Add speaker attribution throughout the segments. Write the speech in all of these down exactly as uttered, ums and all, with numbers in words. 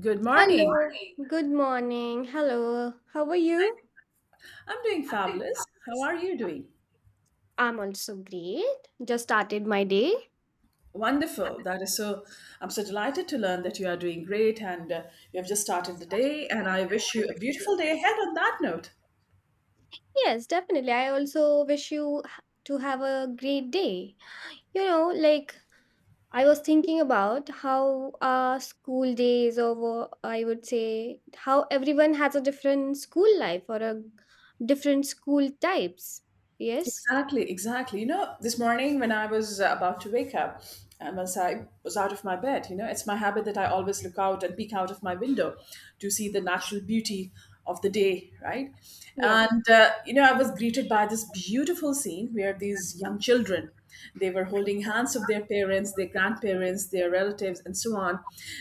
Speaker 1: Good morning.
Speaker 2: Hello, good morning. Hello, how are you?
Speaker 1: I'm doing fabulous. How are you doing?
Speaker 2: I'm also great. Just started my day.
Speaker 1: Wonderful. That is so. I'm so delighted to learn that you are doing great and uh, you have just started the day. And I wish you a beautiful day ahead on that note.
Speaker 2: Yes, definitely. I also wish you h- to have a great day. You know, like I was thinking about how our school days, or wha- I would say, how everyone has a different school life or a different school types. Yes?
Speaker 1: Exactly, exactly. You know, this morning when I was uh, about to wake up, and once I was out of my bed, you know, it's my habit that I always look out and peek out of my window to see the natural beauty of the day, right?
Speaker 2: Yeah.
Speaker 1: And, uh, you know, I was greeted by this beautiful scene where these young children, they were holding hands of their parents, their grandparents, their relatives, and so on.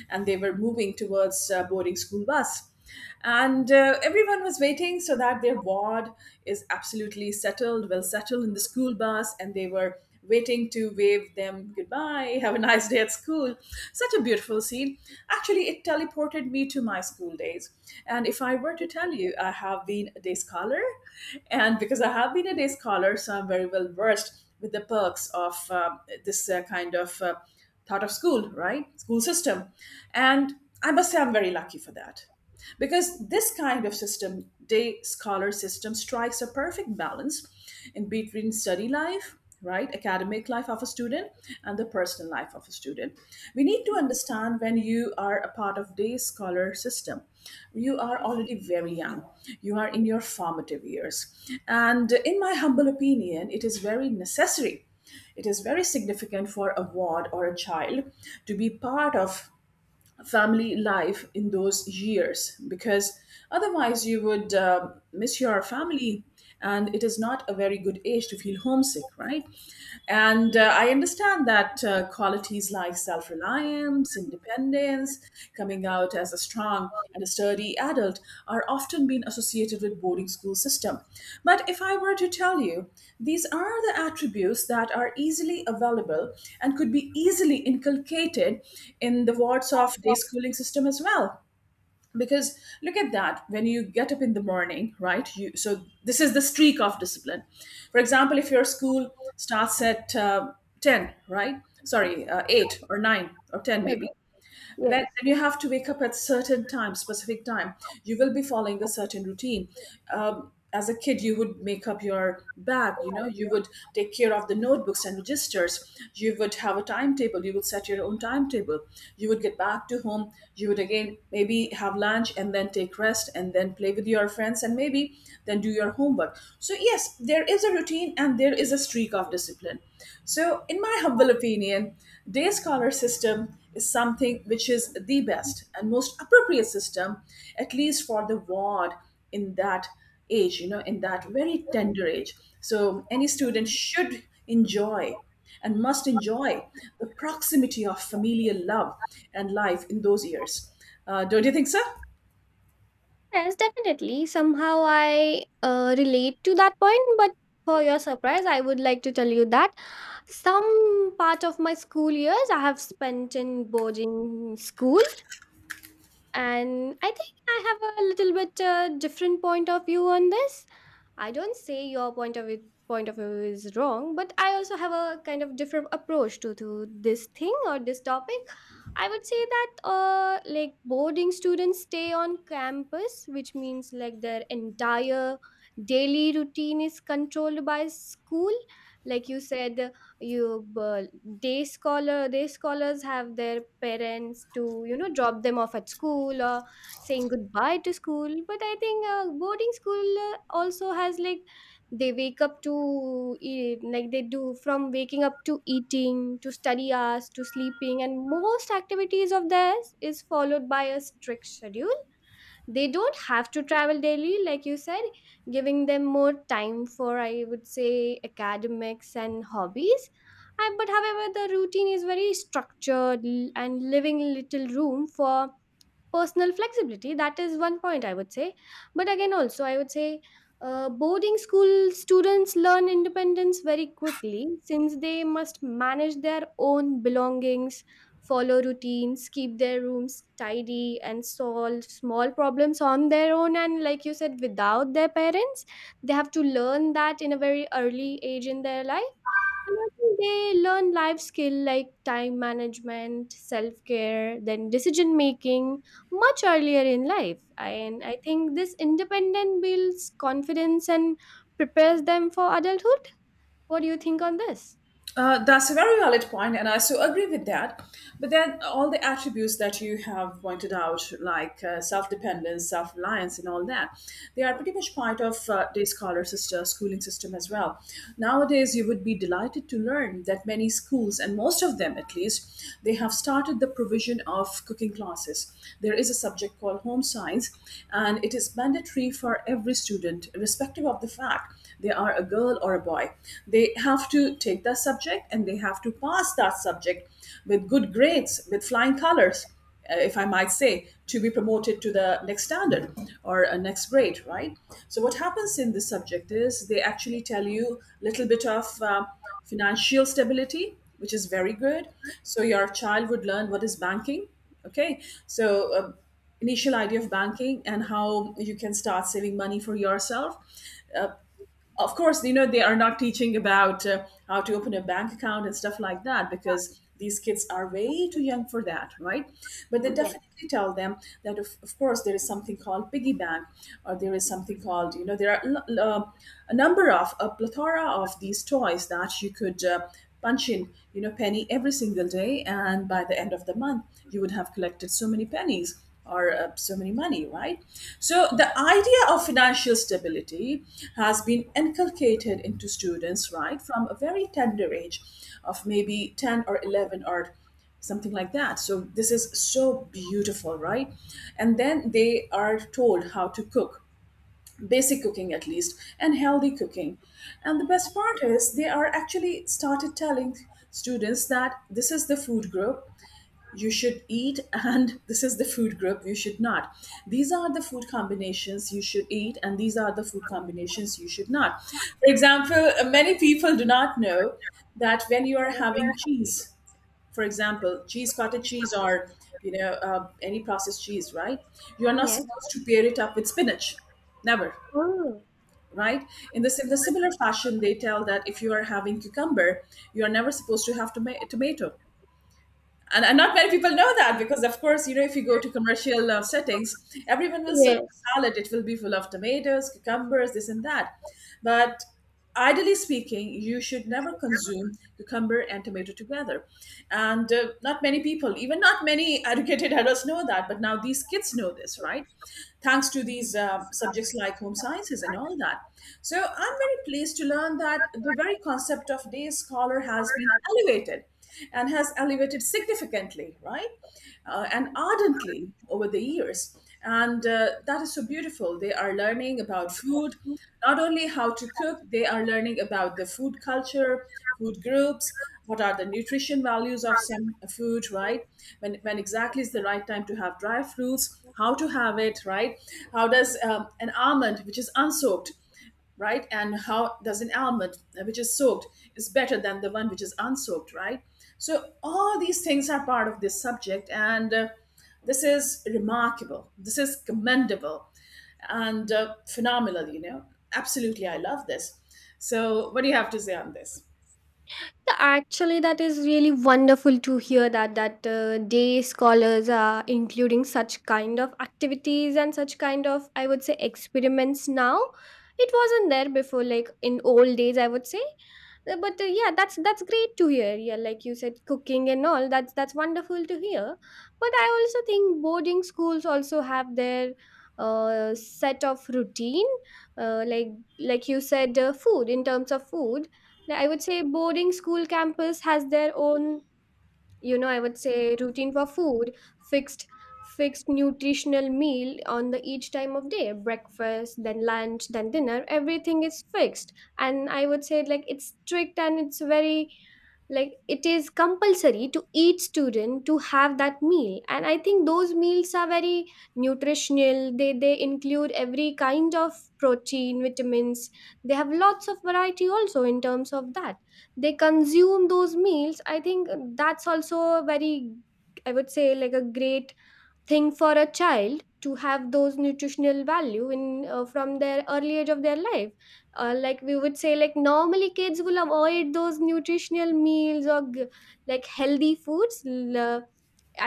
Speaker 1: And they were moving towards uh, boarding school bus. And uh, everyone was waiting so that their ward is absolutely settled, well settled in the school bus, and they were waiting to wave them goodbye, have a nice day at school. Such a beautiful scene. Actually, it teleported me to my school days. And if I were to tell you, I have been a day scholar, and because I have been a day scholar, so I'm very well versed with the perks of uh, this uh, kind of uh, thought of school, right? School system. And I must say, I'm very lucky for that because this kind of system, day scholar system, strikes a perfect balance in between study life, right, academic life of a student and the personal life of a student. We need to understand, when you are a part of day scholar system, you are already very young. You are in your formative years, and in my humble opinion, it is very necessary, it is very significant for a ward or a child to be part of family life in those years, because otherwise you would uh, miss your family, and it is not a very good age to feel homesick, right? And uh, i understand that uh, qualities like self-reliance, independence, coming out as a strong and a sturdy adult are often being associated with boarding school system. But if I were to tell you, these are the attributes that are easily available and could be easily inculcated in the wards of day schooling system as well. Because look at that, when you get up in the morning, right, you, so this is the streak of discipline. For example, if your school starts at uh, ten, right, sorry, uh, eight or nine or ten
Speaker 2: Yeah.
Speaker 1: maybe. Right? Then you have to wake up at certain time, specific time. You will be following the certain routine. Um, as a kid, you would make up your bag. You know, you would take care of the notebooks and registers. You would have a timetable. You would set your own timetable. You would get back to home. You would again maybe have lunch and then take rest and then play with your friends and maybe then do your homework. So yes, there is a routine and there is a streak of discipline. So, in my humble opinion, day scholar system is something which is the best and most appropriate system, at least for the ward, in that age, you know, in that very tender age. So any student should enjoy and must enjoy the proximity of familial love and life in those years. Uh, don't you think so?
Speaker 2: Yes, definitely. Somehow I uh, relate to that point, but for your surprise, I would like to tell you that some part of my school years I have spent in boarding school, and I think I have a little bit uh, different point of view on this. I don't say your point of view, point of view is wrong, but I also have a kind of different approach to, to this thing or this topic. I would say that uh, like boarding students stay on campus, which means like their entire daily routine is controlled by school. Like you said, you uh, day scholar day scholars have their parents to you know drop them off at school or saying goodbye to school, but I think uh, boarding school uh, also has like they wake up to eat, like they do from waking up to eating to study hours to sleeping, and most activities of theirs is followed by a strict schedule. They don't have to travel daily, like you said, giving them more time for, I would say, academics and hobbies. Uh, but however, the routine is very structured l- and leaving little room for personal flexibility. That is one point I would say. But again, also, I would say uh, boarding school students learn independence very quickly, since they must manage their own belongings, follow routines, keep their rooms tidy, and solve small problems on their own. And like you said, without their parents, they have to learn that in a very early age in their life. And also they learn life skill like time management, self-care, then decision making much earlier in life. And I think this independent builds confidence and prepares them for adulthood. What do you think on this?
Speaker 1: Uh, that's a very valid point, and I so agree with that. But then, all the attributes that you have pointed out, like uh, self dependence, self reliance, and all that, they are pretty much part of uh, the scholar sister schooling system as well. Nowadays, you would be delighted to learn that many schools, and most of them at least, they have started the provision of cooking classes. There is a subject called home science, and it is mandatory for every student, irrespective of the fact they are a girl or a or boy. They have to take that subject and they have to pass that subject with good grades, with flying colors, uh, if I might say, to be promoted to the next standard or a next grade, right? So what happens in this subject is they actually tell you a little bit of uh, financial stability, which is very good. So your child would learn what is banking. Okay, so uh, initial idea of banking and how you can start saving money for yourself. Uh, of course, you know, they are not teaching about uh, how to open a bank account and stuff like that, because these kids are way too young for that, right? But they
Speaker 2: Yes.
Speaker 1: definitely tell them that, of, of course, there is something called piggy bank, or there is something called, you know, there are l- l- uh, a number of, a plethora of these toys that you could uh, punch in, you know, penny every single day. And by the end of the month, you would have collected so many pennies or uh, so many money, right? So the idea of financial stability has been inculcated into students, right, from a very tender age of maybe ten or eleven or something like that. So this is so beautiful, right? And then they are told how to cook, basic cooking at least, and healthy cooking. And the best part is, they are actually started telling students that this is the food group you should eat, and this is the food group you should not, these are the food combinations you should eat, and these are the food combinations you should not. For example, uh, many people do not know that when you are having cheese, for example cheese, cottage cheese, or you know, uh, any processed cheese, right, you are not
Speaker 2: Yes.
Speaker 1: supposed to pair it up with spinach, never,
Speaker 2: Oh.
Speaker 1: right? In the, in the similar fashion, they tell that if you are having cucumber, you are never supposed to have toma- tomato. And, and not many people know that, because of course, you know, if you go to commercial uh, settings, everyone will serve
Speaker 2: Yes.
Speaker 1: salad, it will be full of tomatoes, cucumbers, this and that. But ideally speaking, you should never consume cucumber and tomato together. And uh, not many people, even not many educated adults know that,
Speaker 2: You.
Speaker 1: but now these kids know this, right? Thanks to these uh, subjects like home sciences and all that. So I'm very pleased to learn that the very concept of day scholar has been elevated, and has elevated significantly, right, uh, and ardently over the years. And uh, that is so beautiful. They are learning about food, not only how to cook, they are learning about the food culture, food groups, what are the nutrition values of some food, right? When, when exactly is the right time to have dry fruits, how to have it, right? How does um, an almond, which is unsoaked, right? And how does an almond uh, which is soaked is better than the one which is unsoaked, right? So all these things are part of this subject, and uh, this is remarkable. This is commendable, and uh, phenomenal. You know, absolutely, I love this. So, what do you have to say on this?
Speaker 2: Actually, that is really wonderful to hear that that uh, day scholars are including such kind of activities and such kind of, I would say, experiments now. It wasn't there before, like in old days, I would say. Uh, But uh, yeah, that's that's great to hear. Yeah, like you said, cooking and all. That's that's wonderful to hear. But I also think boarding schools also have their uh, set of routine, uh, like like you said, uh, food in terms of food. Like, I would say boarding school campus has their own, you know, I would say routine for food, fixed fixed nutritional meal on the each time of day: breakfast, then lunch, then dinner. Everything is fixed. And I would say like it's strict, and it's very like it is compulsory to each student to have that meal. And I think those meals are very nutritional. They they include every kind of protein, vitamins. They have lots of variety also in terms of that they consume those meals. I think that's also a very, I would say, like a great thing for a child to have those nutritional value in uh, from their early age of their life. Uh, like we would say, like normally kids will avoid those nutritional meals or g- like healthy foods l- uh,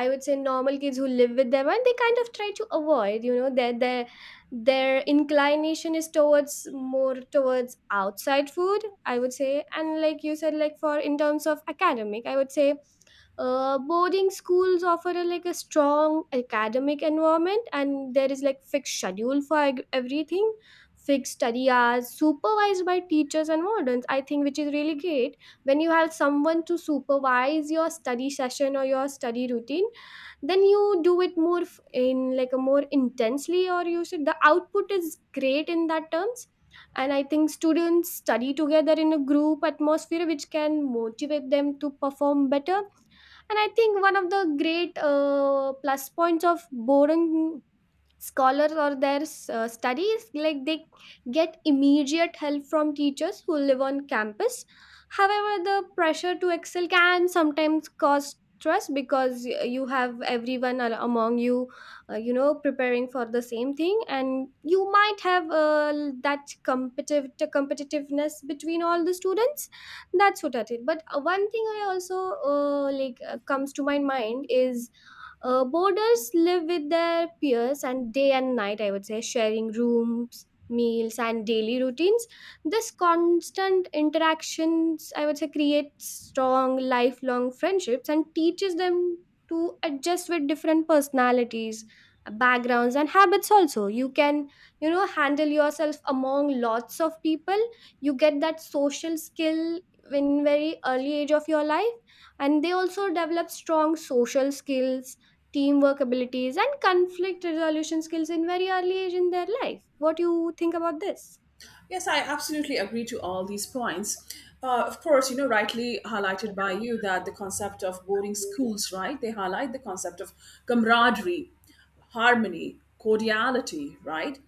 Speaker 2: I would say, normal kids who live with their mind, they kind of try to avoid, you know, their their their inclination is towards more towards outside food, I would say. And like you said, like for in terms of academic, I would say uh, boarding schools offer a, like a strong academic environment, and there is like fixed schedule for eg- everything, fixed study hours supervised by teachers and wardens. I think which is really great. When you have someone to supervise your study session or your study routine, then you do it more f- in like a more intensely, or you should the output is great in that terms. And I think students study together in a group atmosphere, which can motivate them to perform better. And I think one of the great uh, plus points of boring scholars or their uh, studies, like they get immediate help from teachers who live on campus. However, the pressure to excel can sometimes cause stress, because y- you have everyone al- among you, uh, you know, preparing for the same thing, and you might have uh, that competitive competitiveness between all the students. That's what I did. But uh, one thing I also, uh, like uh, comes to my mind is uh, boarders live with their peers and day and night, I would say, sharing rooms, meals, and daily routines. This constant interactions, I would say, creates strong lifelong friendships and teaches them to adjust with different personalities, backgrounds, and habits. Also, you can, you know, handle yourself among lots of people. You get that social skill in very early age of your life. And they also develop strong social skills, teamwork abilities, and conflict resolution skills in very early age in their life. What do you think about this?
Speaker 1: Yes, I absolutely agree to all these points. Uh, of course, you know, rightly highlighted by you, that the concept of boarding schools, right? They highlight the concept of camaraderie, harmony, cordiality, right?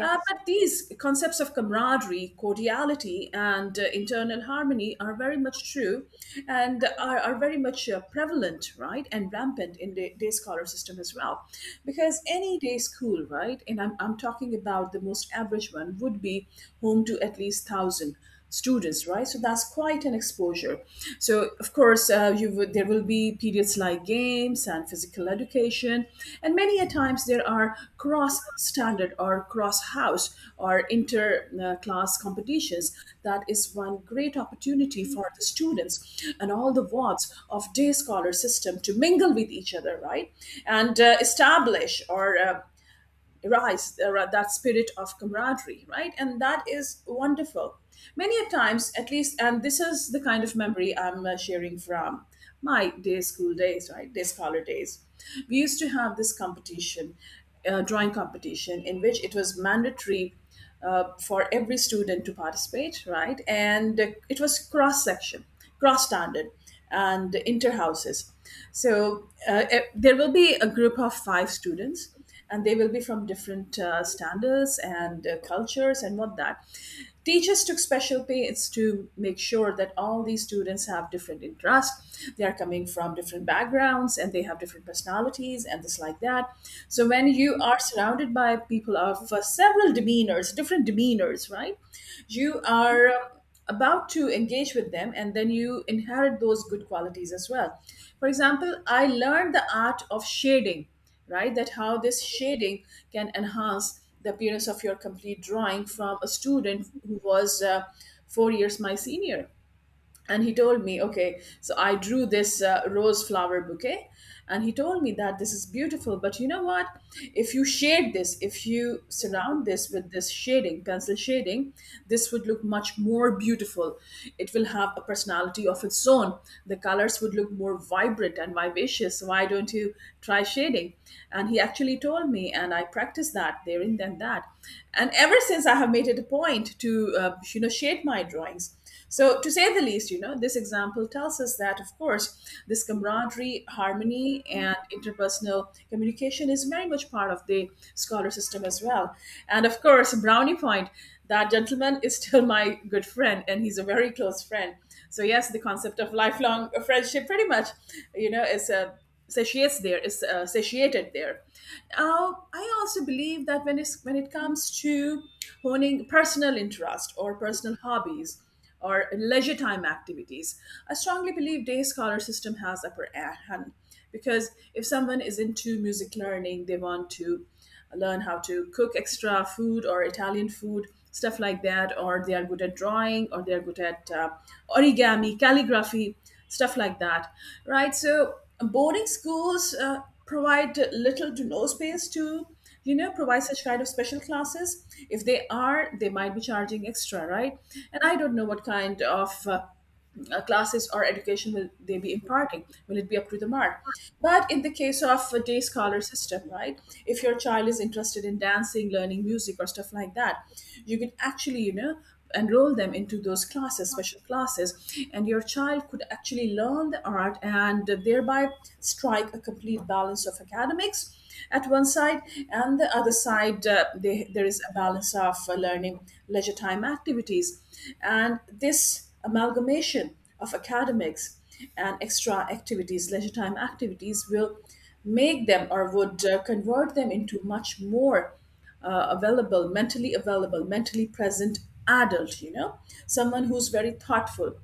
Speaker 1: Uh, but these concepts of camaraderie, cordiality, and uh, internal harmony are very much true, and are, are very much uh, prevalent, right? And rampant in the day scholar system as well. Because any day school, right? And I'm, I'm talking about the most average one, would be home to at least one thousand students, right? So that's quite an exposure. So of course, uh, you would, there will be periods like games and physical education, and many a times there are cross standard or cross house or inter uh, class competitions. That is one great opportunity for the students and all the wards of day scholar system to mingle with each other, right? And uh, establish or uh, rise uh, that spirit of camaraderie, right? And that is wonderful. Many a times, at least, and this is the kind of memory i'm uh, sharing from my day school days, right, day scholar days. We used to have this competition, uh, drawing competition, in which it was mandatory uh, for every student to participate, right? And uh, it was cross section, cross standard, and inter houses. So uh, e- there will be a group of five students, and they will be from different uh, standards and uh, cultures and what that. Teachers took special pains to make sure that all these students have different interests. They are coming from different backgrounds, and they have different personalities personalities and this like that. So when you are surrounded by people of uh, several demeanors, different demeanors, right, you are um, about to engage with them, and then you inherit those good qualities as well. For example, I learned the art of shading, right? That how this shading can enhance the appearance of your complete drawing, from a student who was uh, four years my senior. And he told me, okay, so I drew this uh, rose flower bouquet, and he told me that this is beautiful, but you know what, if you shade this, if you surround this with this shading, pencil shading, this would look much more beautiful. It will have a personality of its own. The colors would look more vibrant and vivacious. So why don't you try shading? And he actually told me, and I practiced that there and then. That, and ever since, I have made it a point to uh, you know shade my drawings. So, to say the least, you know, this example tells us that, of course, this camaraderie, harmony, and interpersonal communication is very much part of the scholar system as well. And of course, brownie point, that gentleman is still my good friend, and he's a very close friend. So, yes, the concept of lifelong friendship pretty much, you know, is uh, satiates there, is uh, satiated there. Now, I also believe that when, it's, when it comes to honing personal interest or personal hobbies, or leisure time activities. I strongly believe day scholar system has upper hand, because if someone is into music learning, they want to learn how to cook extra food or Italian food, stuff like that, or they are good at drawing, or they are good at uh, origami, calligraphy, stuff like that, right? So boarding schools uh, provide little to no space to, you know, provide such kind of special classes. If they are, they might be charging extra, right? And I don't know what kind of uh, uh, classes or education will they be imparting, will it be up to the mark. But in the case of a day scholar system, right, if your child is interested in dancing, learning music, or stuff like that, you can actually, you know, enroll them into those classes, special classes, and your child could actually learn the art, and thereby strike a complete balance of academics at one side, and the other side, uh, they, there is a balance of uh, learning, leisure time activities. And this amalgamation of academics and extra activities, leisure time activities, will make them, or would uh, convert them into much more uh, available, mentally available, mentally present adult, you know, someone who's very thoughtful,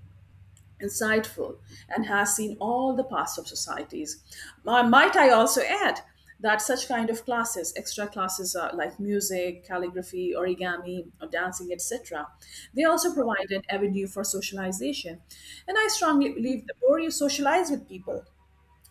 Speaker 1: insightful, and has seen all the paths of societies. Uh, might I also add that such kind of classes, extra classes uh, like music, calligraphy, origami, or dancing, et cetera, they also provide an avenue for socialization. And I strongly believe the more you socialize with people,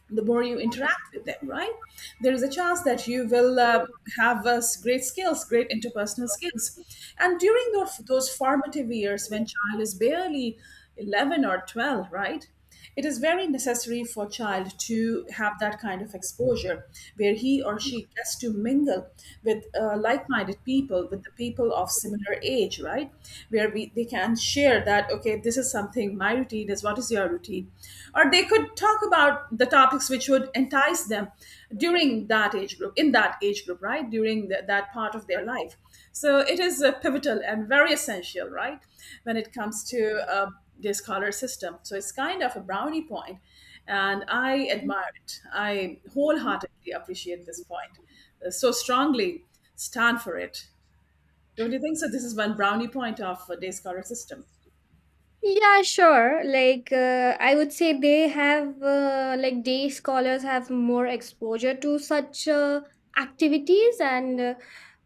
Speaker 1: the more you interact with them, right? There is a chance that you will uh, have uh, great skills, great interpersonal skills. And during those, those formative years when child is barely eleven or twelve, right? It is very necessary for child to have that kind of exposure where he or she gets to mingle with uh, like-minded people, with the people of similar age, right? Where we, they can share that, okay, this is something, my routine is, what is your routine, or they could talk about the topics which would entice them during that age group, in that age group, right, during the, that part of their life. So it is uh, pivotal and very essential, right, when it comes to uh, the scholar system. So it's kind of a brownie point, and I admire it, I wholeheartedly appreciate this point, uh, so strongly stand for it. Don't you think so? This is one brownie point of uh, day scholar system.
Speaker 2: Yeah, sure. Like, uh, I would say they have, uh, like day scholars have more exposure to such uh, activities, and uh,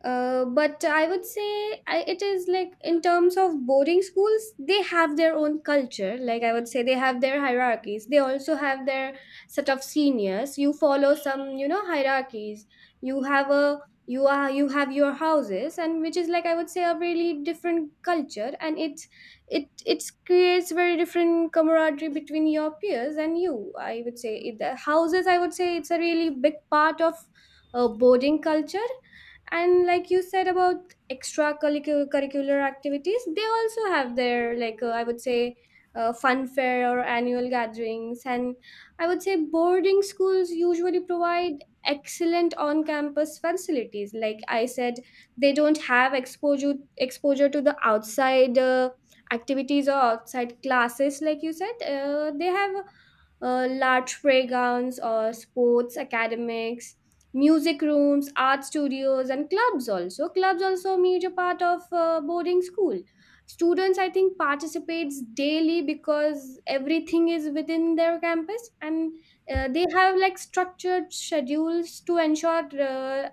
Speaker 2: uh, but I would say I, it is like in terms of boarding schools, they have their own culture. Like, I would say they have their hierarchies. They also have their set of seniors. You follow some, you know, hierarchies. You have a you are you have your houses, and which is like, I would say, a really different culture, and it it it creates very different camaraderie between your peers and you. I would say it, the houses, I would say, it's a really big part of uh, boarding culture. And like you said about extracurricular activities, they also have their like, uh, I would say, uh, fun fair or annual gatherings. And I would say boarding schools usually provide excellent on-campus facilities. Like I said, they don't have exposure exposure to the outside uh, activities or outside classes. Like you said, uh, they have uh, large playgrounds or sports academics, music rooms, art studios, and clubs. Also clubs also a major part of uh, boarding school students, I think, participates daily because everything is within their campus. And uh, they have like structured schedules to ensure uh,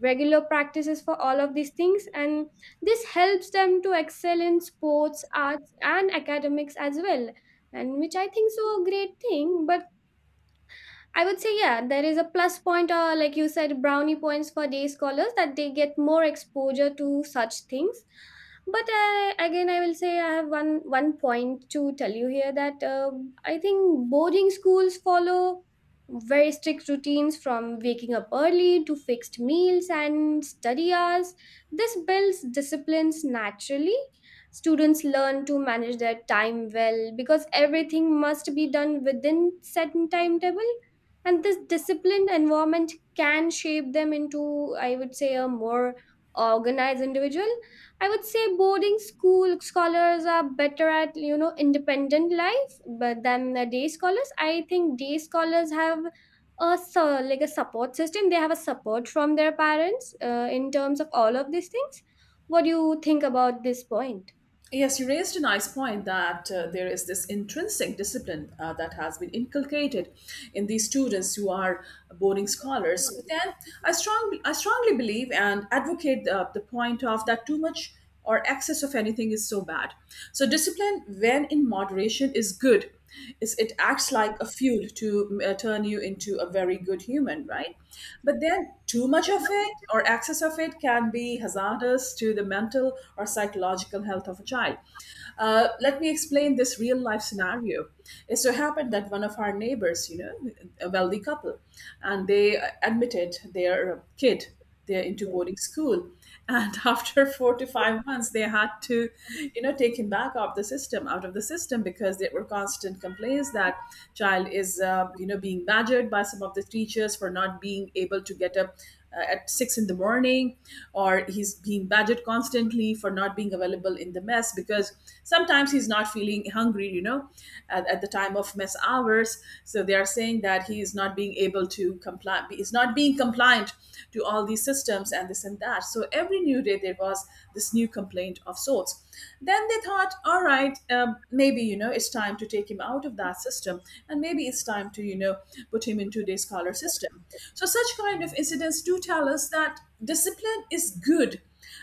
Speaker 2: regular practices for all of these things. And this helps them to excel in sports, arts, and academics as well. And which I think so a great thing. But I would say, yeah, there is a plus point, or, like you said, brownie points for day scholars that they get more exposure to such things. But uh, again, I will say I have one one point to tell you here that uh, I think boarding schools follow very strict routines, from waking up early to fixed meals and study hours. This builds disciplines naturally. Students learn to manage their time well, because everything must be done within set timetable. And this disciplined environment can shape them into, I would say, a more organized individual. I would say boarding school scholars are better at, you know, independent life but than the day scholars. I think day scholars have a so like a support system. They have a support from their parents uh, in terms of all of these things. What do you think about this point?
Speaker 1: Yes, you raised a nice point that uh, there is this intrinsic discipline uh, that has been inculcated in these students who are boarding scholars. But then I strongly, I strongly believe and advocate the, the point of that too much or excess of anything is so bad. So discipline, when in moderation, is good. It's, it acts like a fuel to uh, turn you into a very good human, right? But then too much of it, or excess of it, can be hazardous to the mental or psychological health of a child. Uh, let me explain this real life scenario. It so happened that one of our neighbors, you know, a wealthy couple, and they uh, admitted their kid, they're into boarding school, and after four to five months they had to, you know, take him back off the system, out of the system, because there were constant complaints that child is, uh, you know being badgered by some of the teachers for not being able to get up uh, at six in the morning, or he's being badgered constantly for not being available in the mess, because sometimes he's not feeling hungry, you know, at, at the time of mess hours. So they are saying that he is not being able to comply, is not not being compliant to all these systems and this and that. So every new day there was this new complaint of sorts. Then they thought, all right, um, maybe, you know, it's time to take him out of that system, and maybe it's time to, you know, put him into the scholar system. So such kind of incidents do tell us that discipline is good,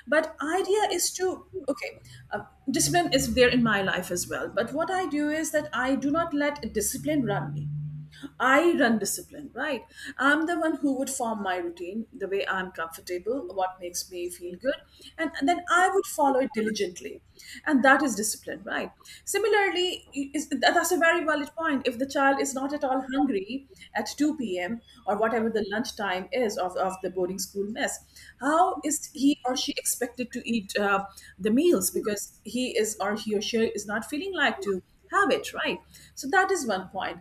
Speaker 1: but idea is to, okay uh, discipline is there in my life as well, but what I do is that I do not let discipline run me. I run discipline, right? I'm the one who would form my routine the way I'm comfortable, what makes me feel good, and, and then I would follow it diligently. And that is discipline, right? Similarly, is, that- that's a very valid point. If the child is not at all hungry at two p m or whatever the lunchtime is of, of the boarding school mess, how is he or she expected to eat uh, the meals, because he is or he or she is not feeling like to have it, right? So that is one point.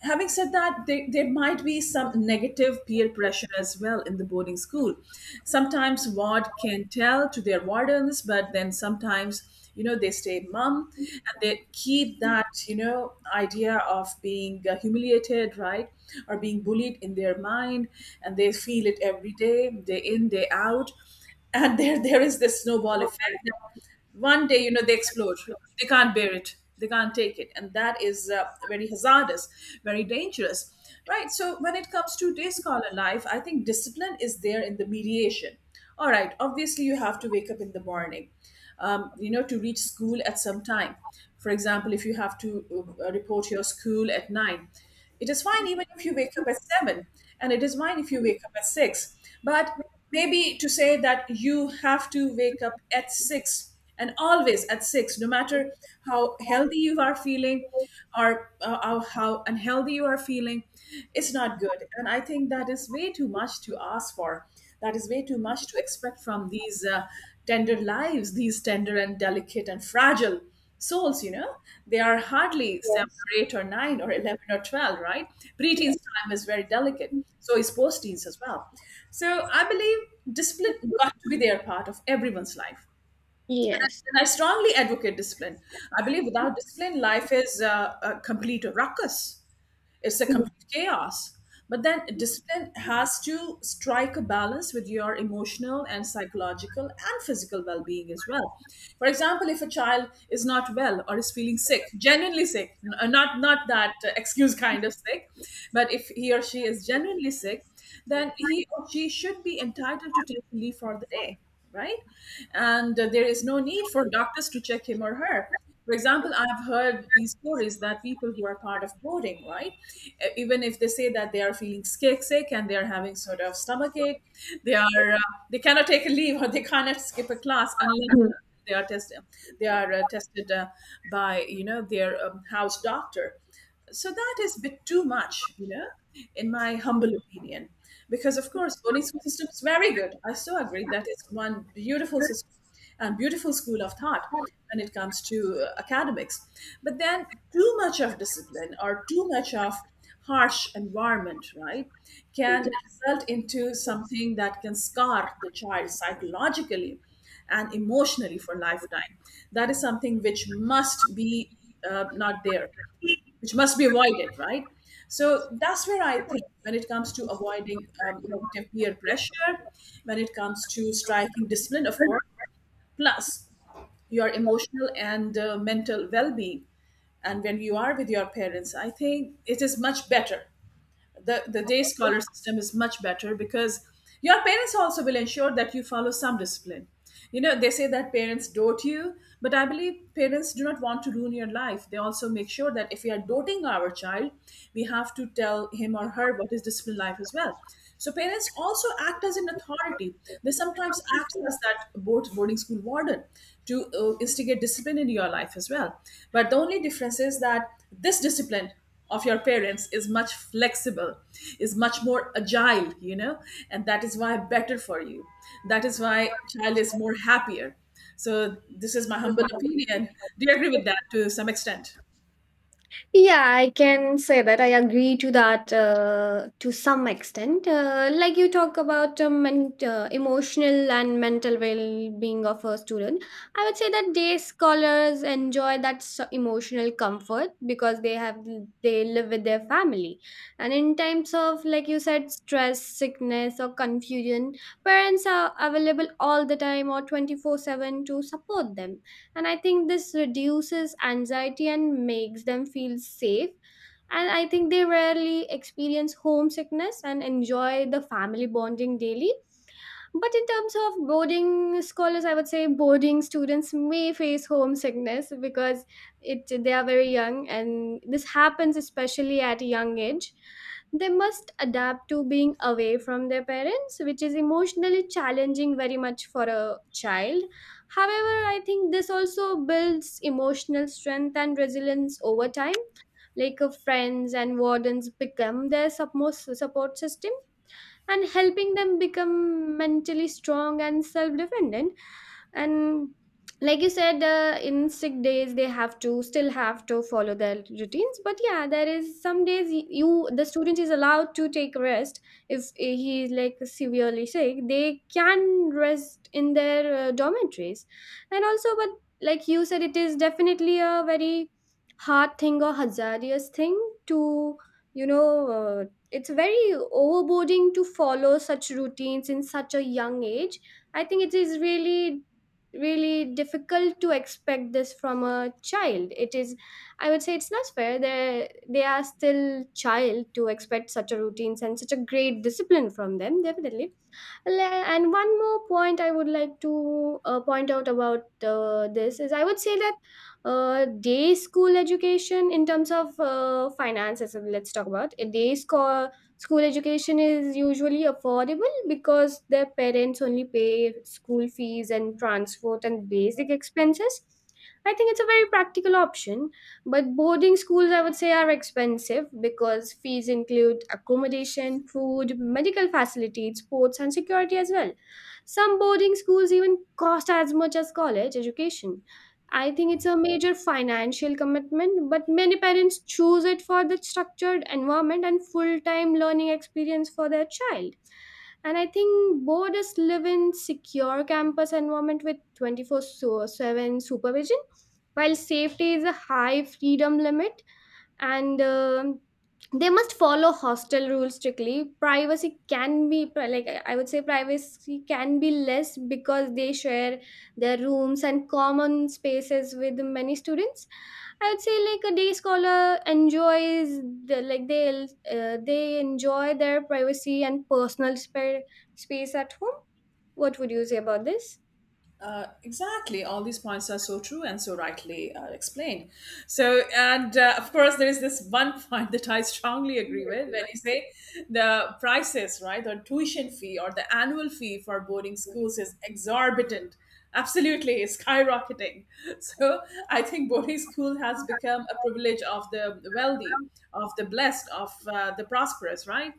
Speaker 1: Having said that, there, there might be some negative peer pressure as well in the boarding school. Sometimes ward can tell to their wardens, but then sometimes, you know, they stay mum, and they keep that, you know, idea of being uh, humiliated, right, or being bullied in their mind. And they feel it every day, day in day out. And there there is this snowball effect. One day, you know, they explode, they can't bear it, they can't take it. And that is uh, very hazardous, very dangerous, right? So when it comes to day scholar life, I think discipline is there in the mediation. All right, obviously you have to wake up in the morning, um, you know, to reach school at some time. For example, if you have to uh, report your school at nine, it is fine even if you wake up at seven, and it is fine if you wake up at six. But maybe to say that you have to wake up at six and always at six, no matter how healthy you are feeling, or uh, how how unhealthy you are feeling, it's not good. And I think that is way too much to ask for, that is way too much to expect from these uh, tender lives, these tender and delicate and fragile souls, you know. They are hardly seven or eight or nine or eleven or twelve, right? Preteens time is very delicate, so is post-teens as well. So I believe discipline got to be their part of everyone's life.
Speaker 2: Yes.
Speaker 1: And I strongly advocate discipline. I believe without discipline, life is uh, a complete ruckus. It's a complete chaos. But then discipline has to strike a balance with your emotional and psychological and physical well being as well. For example, if a child is not well or is feeling sick, genuinely sick, n- uh, not, not that uh, excuse kind of sick, but if he or she is genuinely sick, then he or she should be entitled to take leave for the day, right? And uh, there is no need for doctors to check him or her. For example, I've heard these stories that people who are part of boarding, right? Uh, Even if they say that they are feeling sick, sick and they are having sort of stomachache, they are uh, they cannot take a leave or they cannot skip a class unless they are tested they are uh, tested uh, by you know their um, house doctor. So that is a bit too much you know in my humble opinion. Because of course, boarding school system is very good. I so agree that it's one beautiful system and beautiful school of thought when it comes to uh, academics. But then too much of discipline or too much of harsh environment, right, can result into something that can scar the child psychologically and emotionally for lifetime. That is something which must be uh, not there, which must be avoided, right? So that's where I think when it comes to avoiding um, negative peer pressure, when it comes to striking discipline, of course, plus your emotional and uh, mental well-being. And when you are with your parents, I think it is much better. The, the day scholar system is much better because your parents also will ensure that you follow some discipline. You know, they say that parents dote you, but I believe parents do not want to ruin your life. They also make sure that if we are doting our child, we have to tell him or her what is discipline life as well. So parents also act as an authority. They sometimes act as that board, boarding school warden to uh, instigate discipline in your life as well. But the only difference is that this discipline of your parents is much flexible, is much more agile, you know, and that is why better for you. That is why child is more happier. So this is my humble opinion. Do you agree with that to some extent?
Speaker 2: Yeah, I can say that I agree to that uh, to some extent. Uh, like you talk about um, men- uh, emotional and mental well-being of a student, I would say that day scholars enjoy that so- emotional comfort because they have they live with their family, and in times of, like you said, stress, sickness, or confusion, parents are available all the time or twenty four seven to support them. And I think this reduces anxiety and makes them feel safe. And I think they rarely experience homesickness and enjoy the family bonding daily. But in terms of boarding scholars, I would say boarding students may face homesickness, because it they are very young, and this happens especially at a young age. They must adapt to being away from their parents, which is emotionally challenging very much for a child. However, I think this also builds emotional strength and resilience over time. Like, uh, friends and wardens become their sup- most support system and helping them become mentally strong and self-dependent. And like you said, uh, in sick days they have to still have to follow their routines, but yeah, there is some days y- you the student is allowed to take rest. If eh, he is like severely sick, they can rest in their uh, dormitories. And also, but like you said, it is definitely a very hard thing or hazardous thing to, you know, uh, it's very overboarding to follow such routines in such a young age. I think it is really, really difficult to expect this from a child. It is, I would say, it's not fair. They they are still child to expect such a routines and such a great discipline from them. Definitely, Le- and one more point I would like to uh, point out about uh, this is, I would say that uh, day school education in terms of uh, finances, uh, let's talk about a day school. School education is usually affordable because their parents only pay school fees and transport and basic expenses. I think it's a very practical option. But boarding schools, I would say, are expensive because fees include accommodation, food, medical facilities, sports, and security as well. Some boarding schools even cost as much as college education. I think it's a major financial commitment, but many parents choose it for the structured environment and full time learning experience for their child. And I think boarders live in secure campus environment with twenty four seven supervision, while safety is a high freedom limit. And um, they must follow hostel rules strictly. Privacy can be pri- like i I would say privacy can be less because they share their rooms and common spaces with many students. I would say like a day scholar enjoys the like they uh, they enjoy their privacy and personal spa- space at home. What would you say about this?
Speaker 1: Uh, exactly. All these points are so true and so rightly uh, explained. So, and uh, of course, there is this one point that I strongly agree with when you say the prices, right, the tuition fee or the annual fee for boarding schools is exorbitant. Absolutely, it's skyrocketing. So, I think boarding school has become a privilege of the wealthy, of the blessed, of uh, the prosperous, right?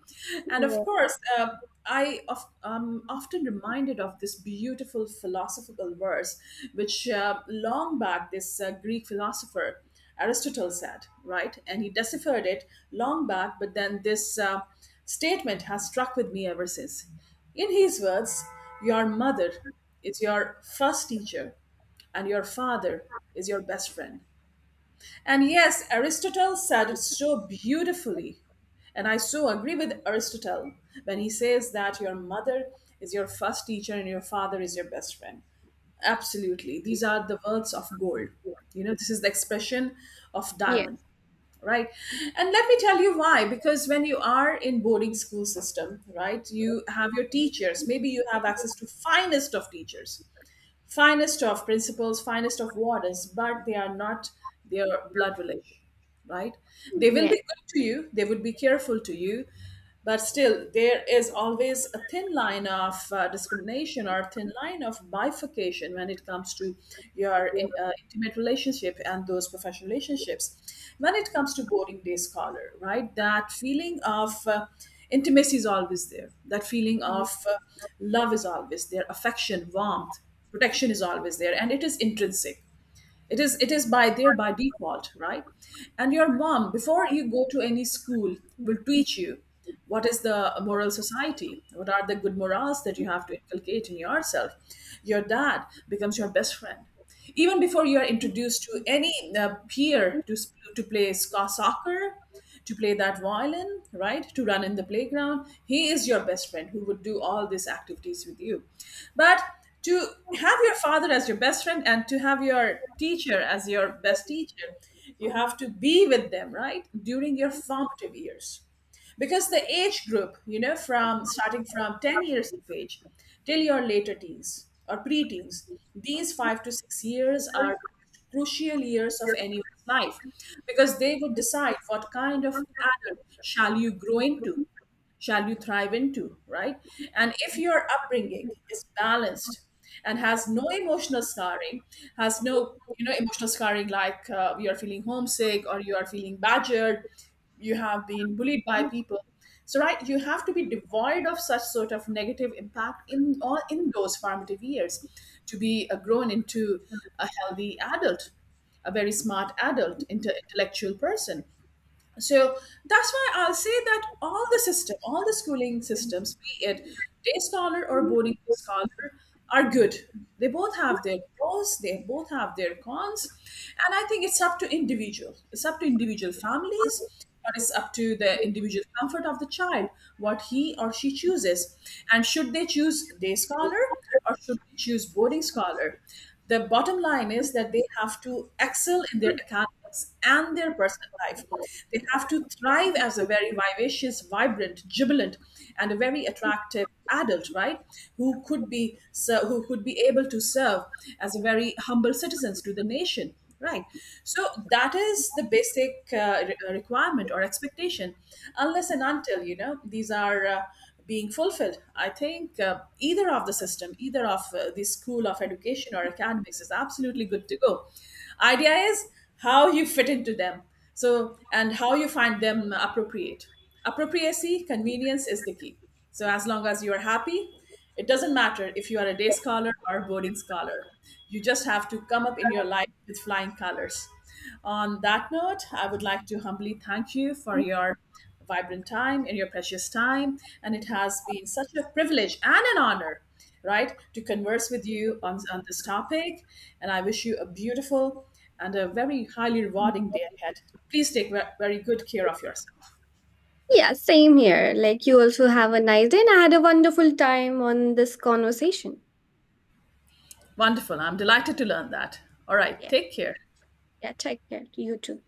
Speaker 1: And of
Speaker 2: Yeah.
Speaker 1: course, uh, I of, am often reminded of this beautiful philosophical verse, which uh, long back this uh, Greek philosopher Aristotle said, right? And he deciphered it long back, but then this uh, statement has struck with me ever since. In his words, your mother is your first teacher, and your father is your best friend. And yes, Aristotle said it so beautifully. And I so agree with Aristotle when he says that your mother is your first teacher and your father is your best friend. Absolutely. These are the words of gold. You know, this is the expression of diamond,
Speaker 2: Yes.
Speaker 1: right? And let me tell you why. Because when you are in boarding school system, right, you have your teachers. Maybe you have access to finest of teachers, finest of principals, finest of wardens, but they are not their blood relation, right? They will
Speaker 2: Yeah.
Speaker 1: be good to you, they will be careful to you, but still, there is always a thin line of uh, discrimination or a thin line of bifurcation when it comes to your in, uh, intimate relationship and those professional relationships. When it comes to boarding day scholar, right? That feeling of uh, intimacy is always there. That feeling of uh, love is always there. Affection, warmth, protection is always there, and it is intrinsic. It is it is by there by default, right? And your mom, before you go to any school, will teach you what is the moral society, what are the good morals that you have to inculcate in yourself. Your dad becomes your best friend even before you are introduced to any uh, peer, to, s- to play sc- soccer, to play that violin, right? To run in the playground. He is your best friend who would do all these activities with you. But to have your father as your best friend and to have your teacher as your best teacher, you have to be with them, right? During your formative years. Because the age group, you know, from starting from ten years of age till your later teens or preteens, these five to six years are crucial years of anyone's life, because they would decide what kind of adult shall you grow into, shall you thrive into, right? And if your upbringing is balanced and has no emotional scarring, has no, you know, emotional scarring like uh, you are feeling homesick or you are feeling badgered, you have been bullied by people. So right, you have to be devoid of such sort of negative impact in all in those formative years to be uh, grown into a healthy adult, a very smart adult, inte- intellectual person. So that's why I'll say that all the system, all the schooling systems, be it day scholar or boarding scholar, are good. They both have their pros, they both have their cons, and I think it's up to individual. It's up to individual families, but it's up to the individual comfort of the child, what he or she chooses. And should they choose day scholar or should they choose boarding scholar? The bottom line is that they have to excel in their academics and their personal life. They have to thrive as a very vivacious, vibrant, jubilant, and a very attractive adult, right? Who could be so, who could be able to serve as a very humble citizens to the nation. Right. So that is the basic uh, re- uh, requirement or expectation, unless and until, you know, these are uh, being fulfilled. I think uh, either of the system, either of uh, the school of education or academics is absolutely good to go. Idea is how you fit into them. So, and how you find them appropriate. Appropriacy, convenience is the key. So, as long as you are happy, it doesn't matter if you are a day scholar or a boarding scholar. You just have to come up in your life with flying colors. On that note, I would like to humbly thank you for your vibrant time and your precious time. And it has been such a privilege and an honor, right, to converse with you on, on this topic. And I wish you a beautiful and a very highly rewarding day ahead. Please take ve- very good care of yourself.
Speaker 2: Yeah, same here. Like you also have a nice day, and I had a wonderful time on this conversation.
Speaker 1: Wonderful. I'm delighted to learn that. All right.
Speaker 2: Yeah.
Speaker 1: Take care.
Speaker 2: Yeah, take care. You too.